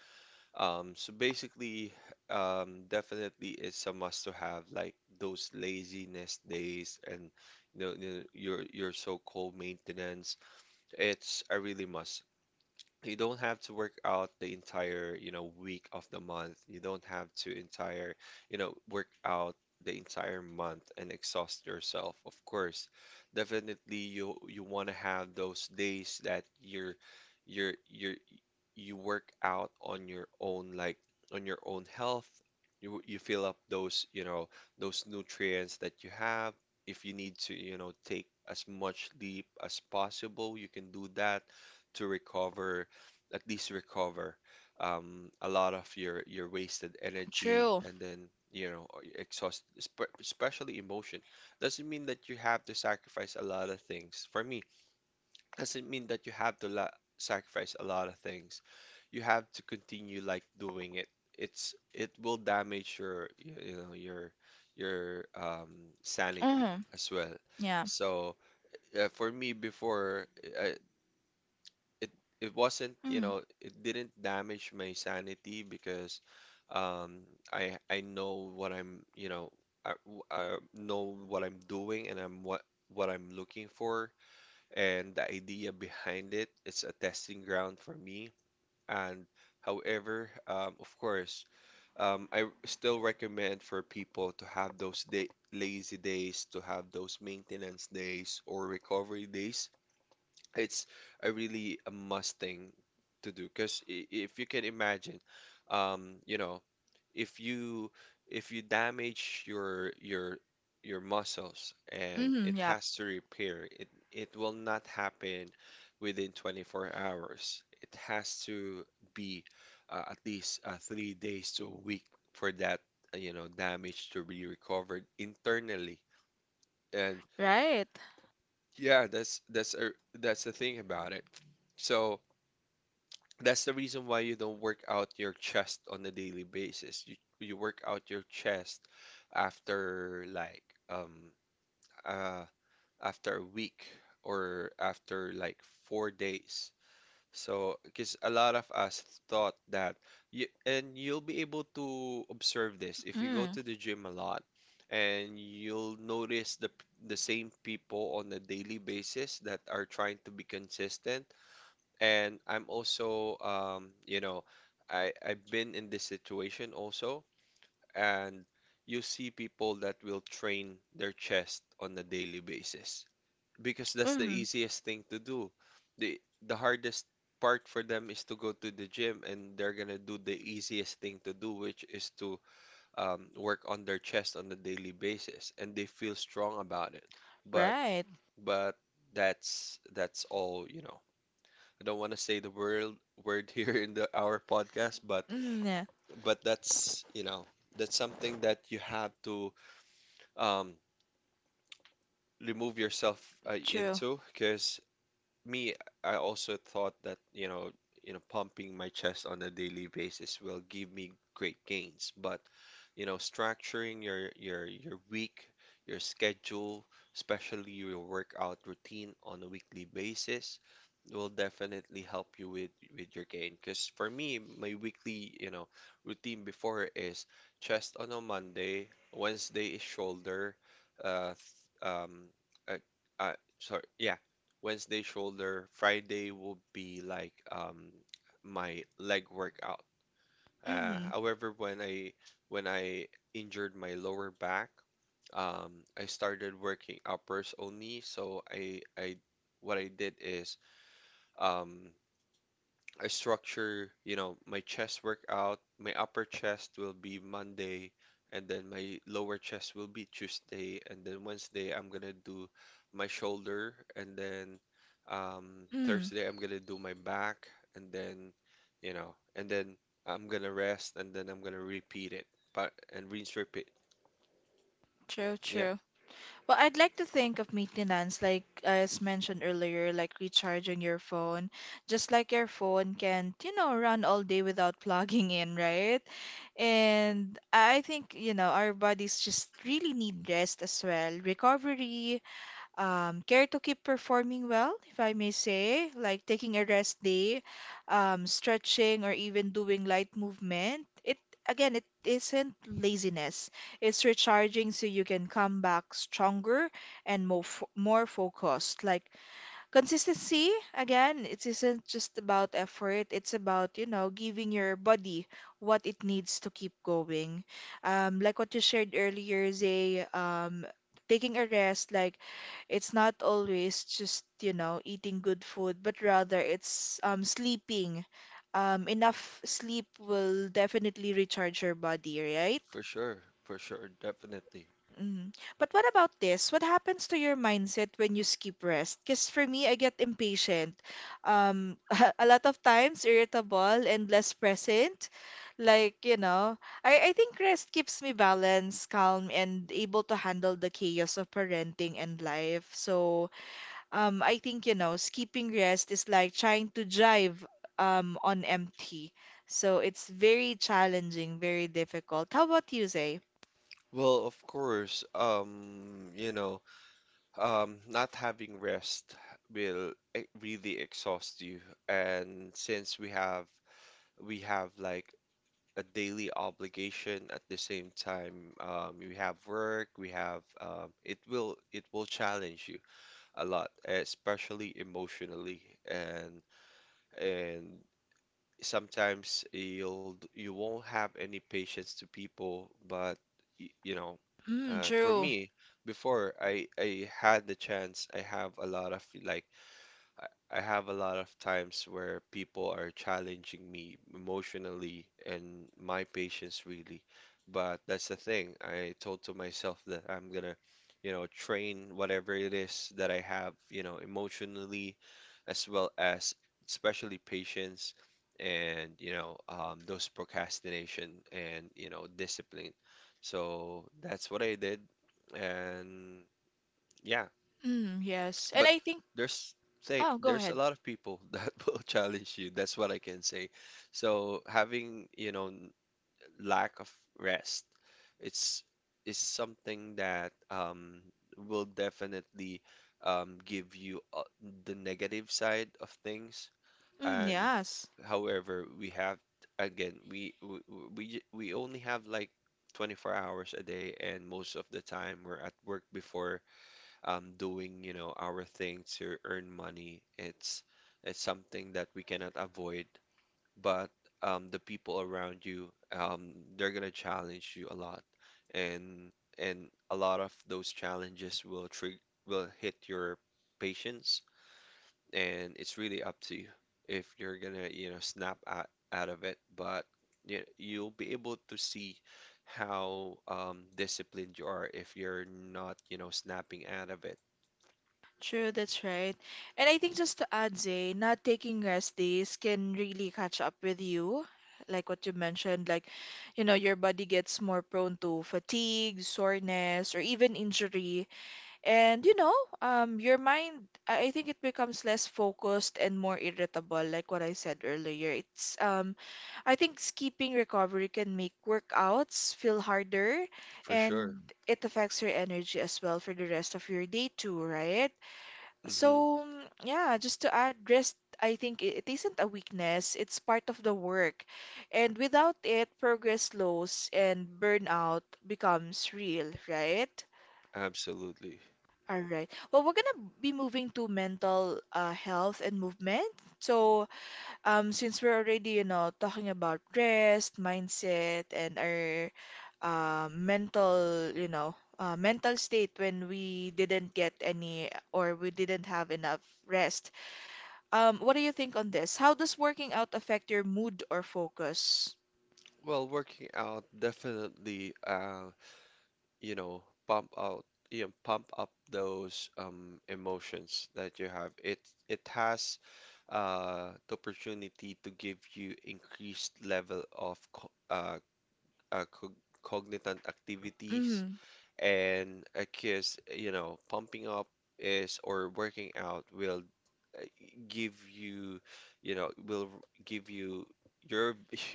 Um so basically, um definitely, it's a must to have like those laziness days and, you know, you know, your your so-called maintenance. It's a really must. You don't have to work out the entire, you know, week of the month. You don't have to entire, you know, work out the entire month and exhaust yourself. Of course, definitely you you want to have those days that you're you're you're you work out on your own, like on your own health. You you fill up those, you know, those nutrients that you have. If you need to, you know, take as much leap as possible, you can do that to recover, at least recover, um, a lot of your your wasted energy,
True.
and then you know exhaust, espe- especially emotion. Doesn't mean that you have to sacrifice a lot of things. For me, doesn't mean that you have to la sacrifice a lot of things. You have to continue like doing it. It's it will damage your y- you know your your um sanity
Mm-hmm.
as well.
Yeah.
So, uh, for me before, uh, it it wasn't, you
Mm.
know it didn't damage my sanity because, um I I know what I'm, you know I, I know what I'm doing, and I'm what what I'm looking for, and the idea behind it. It's a testing ground for me. And however, um, of course, um, I still recommend for people to have those day lazy days, to have those maintenance days or recovery days. It's a really a must thing to do, because if you can imagine, um, you know, if you if you damage your your your muscles and
Mm-hmm.
it
Yeah.
has to repair, it it will not happen within twenty-four hours. It has to be, uh, at least, uh, three days to a week for that, uh, you know damage to be recovered internally. And
Right.
yeah, that's that's a that's the thing about it. So that's the reason why you don't work out your chest on a daily basis. You you work out your chest after like um uh after a week, or after like four days. So, because a lot of us thought that, you and you'll be able to observe this if you go
Mm.
to the gym a lot, and you'll notice the the same people on a daily basis that are trying to be consistent, and I'm also, um, you know, I I've been in this situation also, and you see people that will train their chest on a daily basis because that's the
Mm.
easiest thing to do. The the hardest part for them is to go to the gym, and they're gonna do the easiest thing to do, which is to, um, work on their chest on a daily basis, and they feel strong about it. But
Right.
but that's that's all, you know. I don't want to say the word word here in the our podcast, but
Mm. Yeah.
but that's you know that's something that you have to, um, remove yourself, uh,
True.
into, because me, I also thought that, you know, you know, pumping my chest on a daily basis will give me great gains. But, you know, structuring your your your week, your schedule, especially your workout routine on a weekly basis, will definitely help you with with your gain. Because for me, my weekly, you know, routine before is chest on a Monday, Wednesday is shoulder, uh, th- um, uh, uh, sorry, yeah, Wednesday shoulder, Friday will be like, um my leg workout. Uh,
Mm.
however, when I when I injured my lower back, um, I started working uppers only. So I I what I did is, um I structure, you know, my chest workout. My upper chest will be Monday, and then my lower chest will be Tuesday, and then Wednesday I'm gonna do my shoulder, and then, um,
Mm.
Thursday I'm gonna do my back, and then, you know, and then I'm gonna rest, and then I'm gonna repeat it, but and rinse repeat.
True,
Yeah,
true. Well, I'd like to think of maintenance, like as mentioned earlier, like recharging your phone. Just like your phone can, not you know, run all day without plugging in, right? And I think, you know, our bodies just really need rest as well, recovery, um, care to keep performing well, if I may say, like taking a rest day, um, stretching, or even doing light movement. It again, it isn't laziness. It's recharging so you can come back stronger and more fo- more focused. Like consistency, again, it isn't just about effort. It's about, you know, giving your body what it needs to keep going. Um, like what you shared earlier, Zay, um, taking a rest, like it's not always just, you know, eating good food, but rather it's um, sleeping. Um, enough sleep will definitely recharge your body, right?
for sure, for sure, definitely.
Mm. But what about this? What happens to your mindset when you skip rest? Because for me, I get impatient. Um, a lot of times irritable and less present. Like, you know, I, I think rest keeps me balanced, calm, and able to handle the chaos of parenting and life. So, um, I think, you know, skipping rest is like trying to drive, um, on empty. So it's very challenging, very difficult. How about you, Zay?
Well, of course, um, you know. Um, not having rest will e- really exhaust you. And since we have we have like a daily obligation at the same time, um, we have work, we have um, it will it will challenge you a lot, especially emotionally. And and sometimes you'll you won't have any patience to people, but y- you know
Mm,
uh, for
true.
me before, I I had the chance, I have a lot of like I have a lot of times where people are challenging me emotionally and my patience really. But that's the thing. I told to myself that I'm gonna, you know, train whatever it is that I have, you know, emotionally as well as, especially, patience and, you know, um, those procrastination and, you know, discipline. So that's what I did. And yeah,
Mm, yes. And
but
I think,
there's, say
oh, go
there's a
ahead.
lot of people that will challenge you. That's what I can say. So having, you know, n- lack of rest, it's is something that um will definitely um give you uh, the negative side of things.
Mm,
And
yes.
however, we have, again, we we we j- we only have like twenty-four hours a day, and most of the time we're at work before, um, doing, you know, our thing to earn money. It's it's something that we cannot avoid, but um, the people around you, um, they're gonna challenge you a lot, and and a lot of those challenges will trig will hit your patience, and it's really up to you if you're gonna, you know, snap out, out of it. But you, you'll be able to see how, um, disciplined you are if you're not, you know, snapping out of it.
True, that's right. And I think just to add, Zay, not taking rest days can really catch up with you. Like what you mentioned, like, you know, your body gets more prone to fatigue, soreness, or even injury. And, you know, um, your mind, I I think it becomes less focused and more irritable, like what I said earlier. It's, um, I think skipping recovery can make workouts feel harder
For
and
sure.
it affects your energy as well for the rest of your day too, right?
Hmm.
So, mm, yeah, just to add, rest, I think i- it isn't a weakness, it's part of the work. And without it, progress slows and burnout becomes real, right?
Absolutely.
All right. Well, we're gonna be moving to mental uh, health and movement. So, um, since we're already, you know, talking about rest, mindset, and our uh, mental, you know, uh, mental state when we didn't get any or we didn't have enough rest. Um, what do you think on this? How does working out affect your mood or focus?
Well, working out definitely, uh, you know, pump out, you know, pump up those, um, emotions that you have. It it has, uh, the opportunity to give you increased level of co uh, uh, co cognitive activities
Mm-hmm.
and a kiss, you know, pumping up is, or working out will, uh, give you, you know, will give you your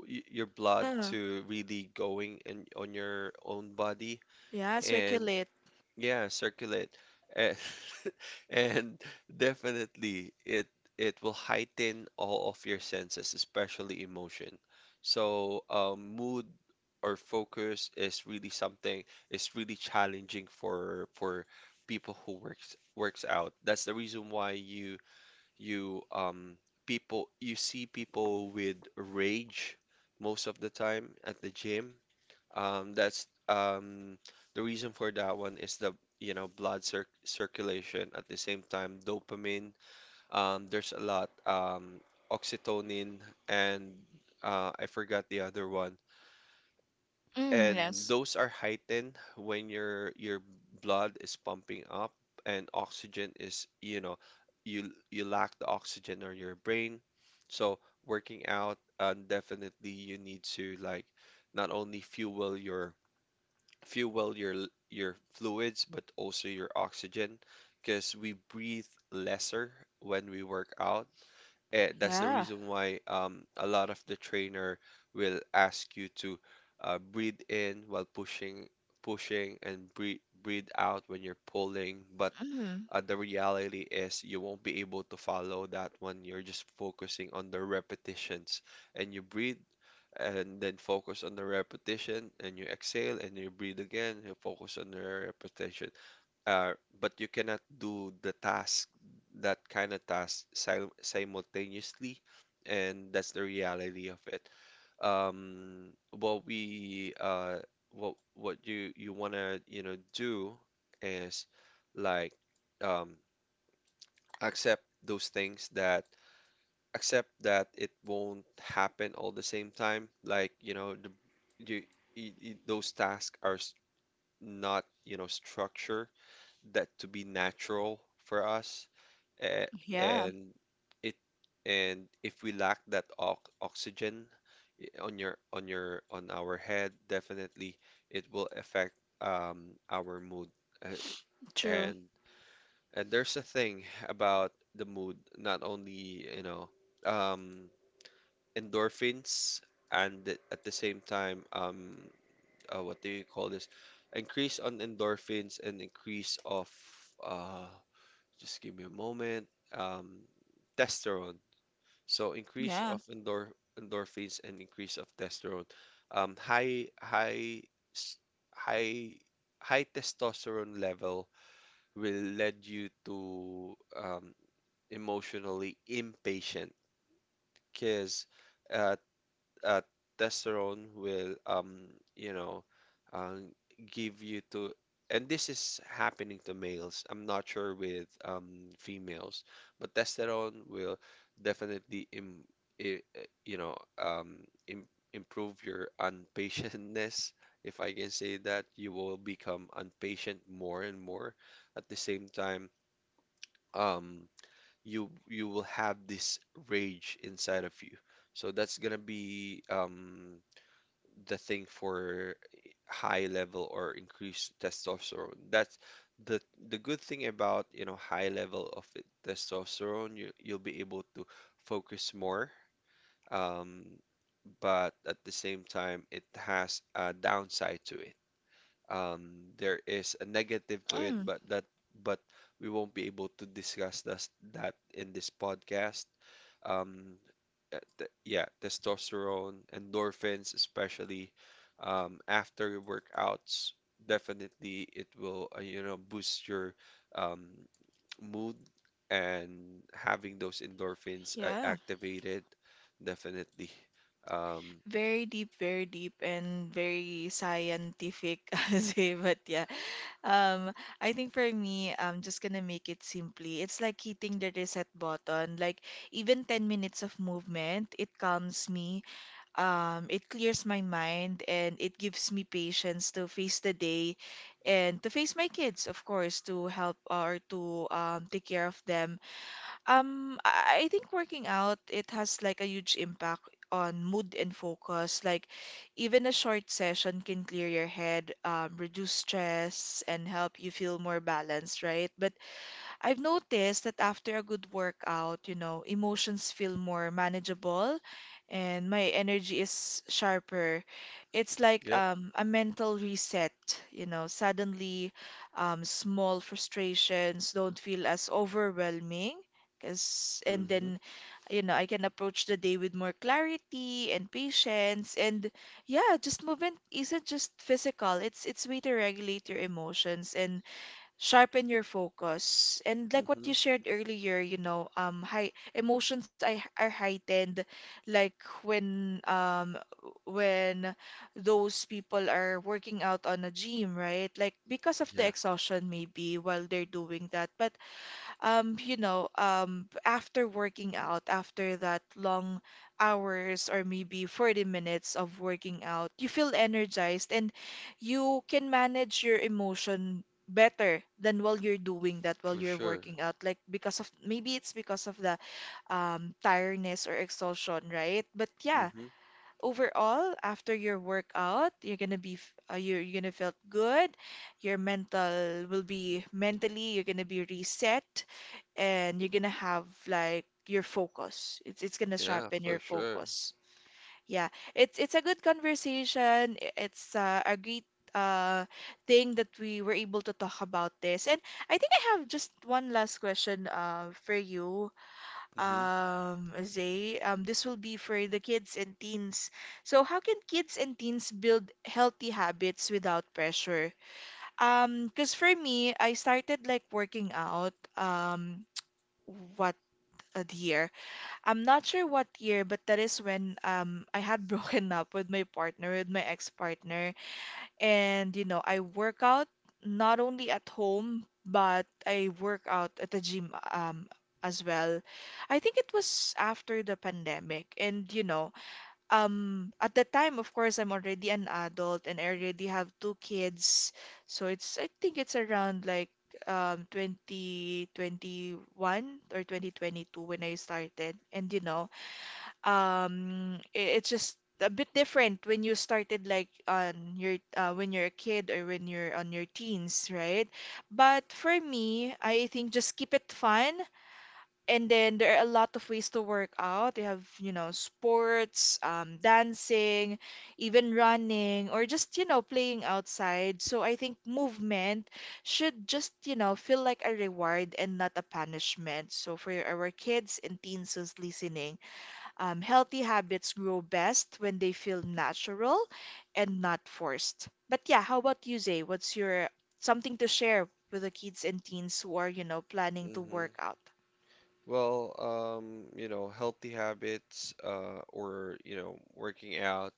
y- your blood
Uh,
to really going in on your own body
yeah,
and
circulate.
yeah, circulate. And and definitely it it will heighten all of your senses, especially emotion. So, um, mood or focus is really something, is really challenging for for people who works works out. That's the reason why you you um people, you see people with rage most of the time at the gym. Um, that's, um, the reason for that one is the, you know, blood cir circulation. At the same time, dopamine. Um, there's a lot. Um, oxytocin and, uh, I forgot the other one.
Mm,
And
yes.
those are heightened when your your blood is pumping up and oxygen is, you know, you you lack the oxygen on your brain. So working out, uh, definitely you need to like not only fuel your, fuel your l- your fluids but also your oxygen because we breathe lesser when we work out. Eh, that's the
Yeah.
reason why, um, a lot of the trainer will ask you to, uh, breathe in while pushing, pushing, and breathe breathe out when you're pulling. But,
Mm,
uh, the reality is you won't be able to follow that one. You're just focusing on the repetitions, and you breathe. And then focus on the repetition, and you exhale, and you breathe again. You focus on the repetition, uh, but you cannot do the task, that kind of task, sil simultaneously, and that's the reality of it. Um, what we, uh, what what you you wanna, you know, do is like, um, accept those things that, accept that it won't happen all the same time. Like, you know, the you, you, you- those tasks are s- not, you know, structure that to be natural for us, uh,
yeah.
and it and if we lack that ox oxygen i- on your, on your, on our head, definitely it will affect, um, our mood, uh,
True.
and and there's a thing about the mood, not only, you know, um, endorphins and th- at the same time, um, uh, what do you call this, increase on endorphins and increase of, uh, just give me a moment. Um, testosterone. So increase
Yeah.
of endor endorphins and increase of testosterone. Um, high high s- high high testosterone level will lead you to, um, emotionally impatient because, uh, uh, testosterone will, um, you know, um, give you to, and this is happening to males. I'm not sure with, um, females, but testosterone will definitely im i- uh, you know, um, im improve your unpatientness if I can say that. You will become unpatient more and more. At the same time, um, you you will have this rage inside of you, so that's gonna be, um, the thing for high level or increased testosterone. That's the the good thing about, you know, high level of it- testosterone, you you'll be able to focus more. Um, but at the same time, it has a downside to it. Um, there is a negative to it,
Mm,
but that but we won't be able to discuss this, that in this podcast. Um, uh, th- yeah, testosterone, endorphins, especially, um, after your workouts, definitely it will, uh, you know, boost your, um, mood, and having those endorphins, uh,
yeah.
activated, definitely. Um,
Very deep, very deep, and very scientific, as way. But yeah, um, I think for me, I'm just gonna make it simply. It's like hitting the reset button. Like even ten minutes of movement, it calms me. Um, it clears my mind, and it gives me patience to face the day, and to face my kids, of course, to help or to um, take care of them. um, I I think working out, it has like a huge impact on mood and focus. Like even a short session can clear your head, um, reduce stress, and help you feel more balanced, right? But I've noticed that after a good workout, you know, emotions feel more manageable and my energy is sharper. It's like
yep.
um, a mental reset, you know, suddenly um, small frustrations don't feel as overwhelming. Cause, and
Hmm.
then, you know, I can approach the day with more clarity and patience. And yeah, just movement isn't just physical. It's it's way to regulate your emotions and sharpen your focus. And like what
Hmm.
you shared earlier, you know, um, high emotions I are heightened, like when um when those people are working out on a gym, right? Like because of the
Yeah,
exhaustion maybe while they're doing that. But um, you know, um, after working out, after that long hours or maybe forty minutes of working out, you feel energized and you can manage your emotion better than while you're doing that, while
for
you're
sure.
working out. Like because of maybe it's because of the um, tiredness or exhaustion, right? But yeah,
Hmm.
overall after your workout you're gonna be f- uh, you're, you're gonna feel good. Your mental will be mentally you're gonna be reset and you're gonna have like your focus, it's it's gonna
Yeah,
sharpen
for
your
sure.
focus. Yeah, it's it's a good conversation, i- it's uh, a great uh thing that we were able to talk about this. And I think I have just one last question uh for you,
Hmm.
um, Zay. Um, this will be for the kids and teens. So, how can kids and teens build healthy habits without pressure? Um, because for me, I started like working out. Um, what a year? I'm not sure what year, but that is when um I had broken up with my partner, with my ex-partner. And, you know, I work out not only at home, but I work out at the gym um as well. I think it was after the pandemic. And, you know, um at the time, of course, I'm already an adult and I already have two kids. So it's I think it's around like um twenty twenty-one or twenty twenty-two when I started. And, you know, um i- it's just a bit different when you started like on your uh, when you're a kid or when you're on your teens, right? But for me, I think just keep it fun. And then there are a lot of ways to work out. You have, you know, sports, um, dancing, even running or just, you know, playing outside. So I think movement should just, you know, feel like a reward and not a punishment. So for our kids and teens who's listening, um, healthy habits grow best when they feel natural and not forced. But yeah, how about you, Zay? What's your something to share with the kids and teens who are, you know, planning to
Hmm.
work out?
Well, um, you know, healthy habits, uh, or, you know, working out.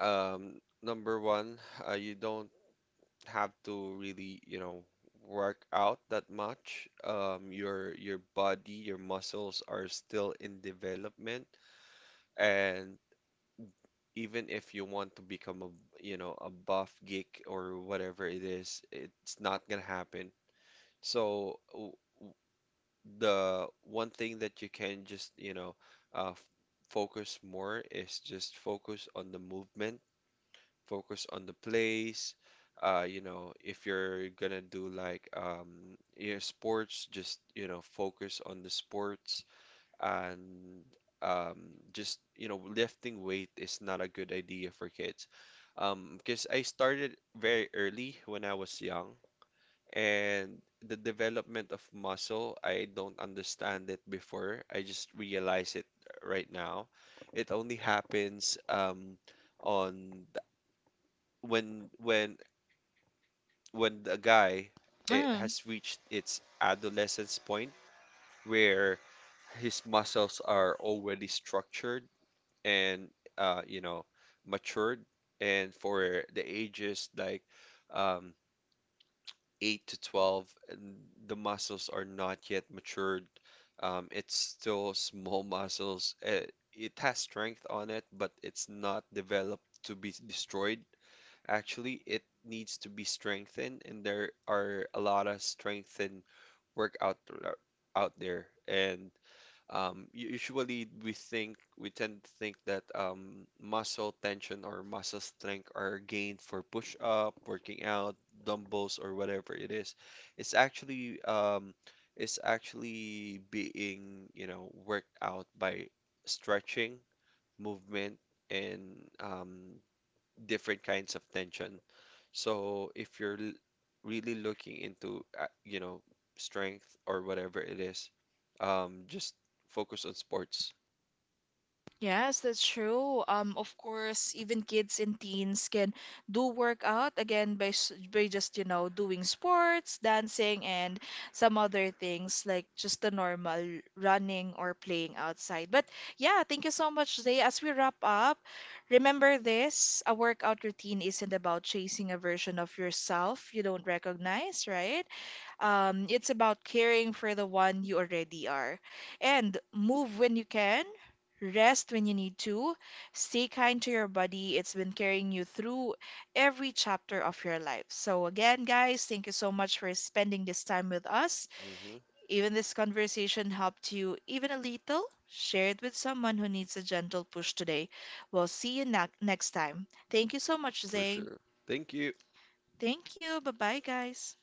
Um, number one, uh, you don't have to really, you know, work out that much. Um, your your body, your muscles are still in development, and even if you want to become a, you know, a buff geek or whatever it is, it's not gonna happen. So w- w- the one thing that you can just, you know, uh, f- focus more is just focus on the movement, focus on the plays. Uh, you know, if you're gonna do like, um, your sports, just, you know, focus on the sports, and, um, just, you know, lifting weight is not a good idea for kids, um, because I started very early when I was young, and the development of muscle, I don't understand it before. I just realize it right now. It only happens, um, on th- when, when when the guy, it has reached its adolescence point, where his muscles are already structured and, uh, you know, matured. And for the ages like, um, eight to twelve, and the muscles are not yet matured, um, it's still small muscles. Uh, it has strength on it, but it's not developed to be destroyed. Actually, it needs to be strengthened, and there are a lot of strengthened workout, uh, out there. And, um, u- usually we think, we tend to think that, um, muscle tension or muscle strength are gained for push up, working out, dumbbells or whatever it is. It's actually, um, it's actually being, you know, worked out by stretching, movement, and, um, different kinds of tension. So if you're l- really looking into, uh, you know, strength or whatever it is, um, just focus on sports.
Yes, that's true. Um, of course, even kids and teens can do workout again by s- by just, you know, doing sports, dancing, and some other things like just the normal running or playing outside. But yeah, thank you so much, Zay. As we wrap up, remember this: a workout routine isn't about chasing a version of yourself you don't recognize, right? Um, it's about caring for the one you already are. And move when you can, rest when you need to. Stay kind to your body. It's been carrying you through every chapter of your life. So, again, guys, thank you so much for spending this time with us.
Hmm.
Even this conversation helped you even a little. Share it with someone who needs a gentle push today. We'll see you na- next time. Thank you so much,
For
Zay.
sure. Thank you.
Thank you. Bye bye, guys.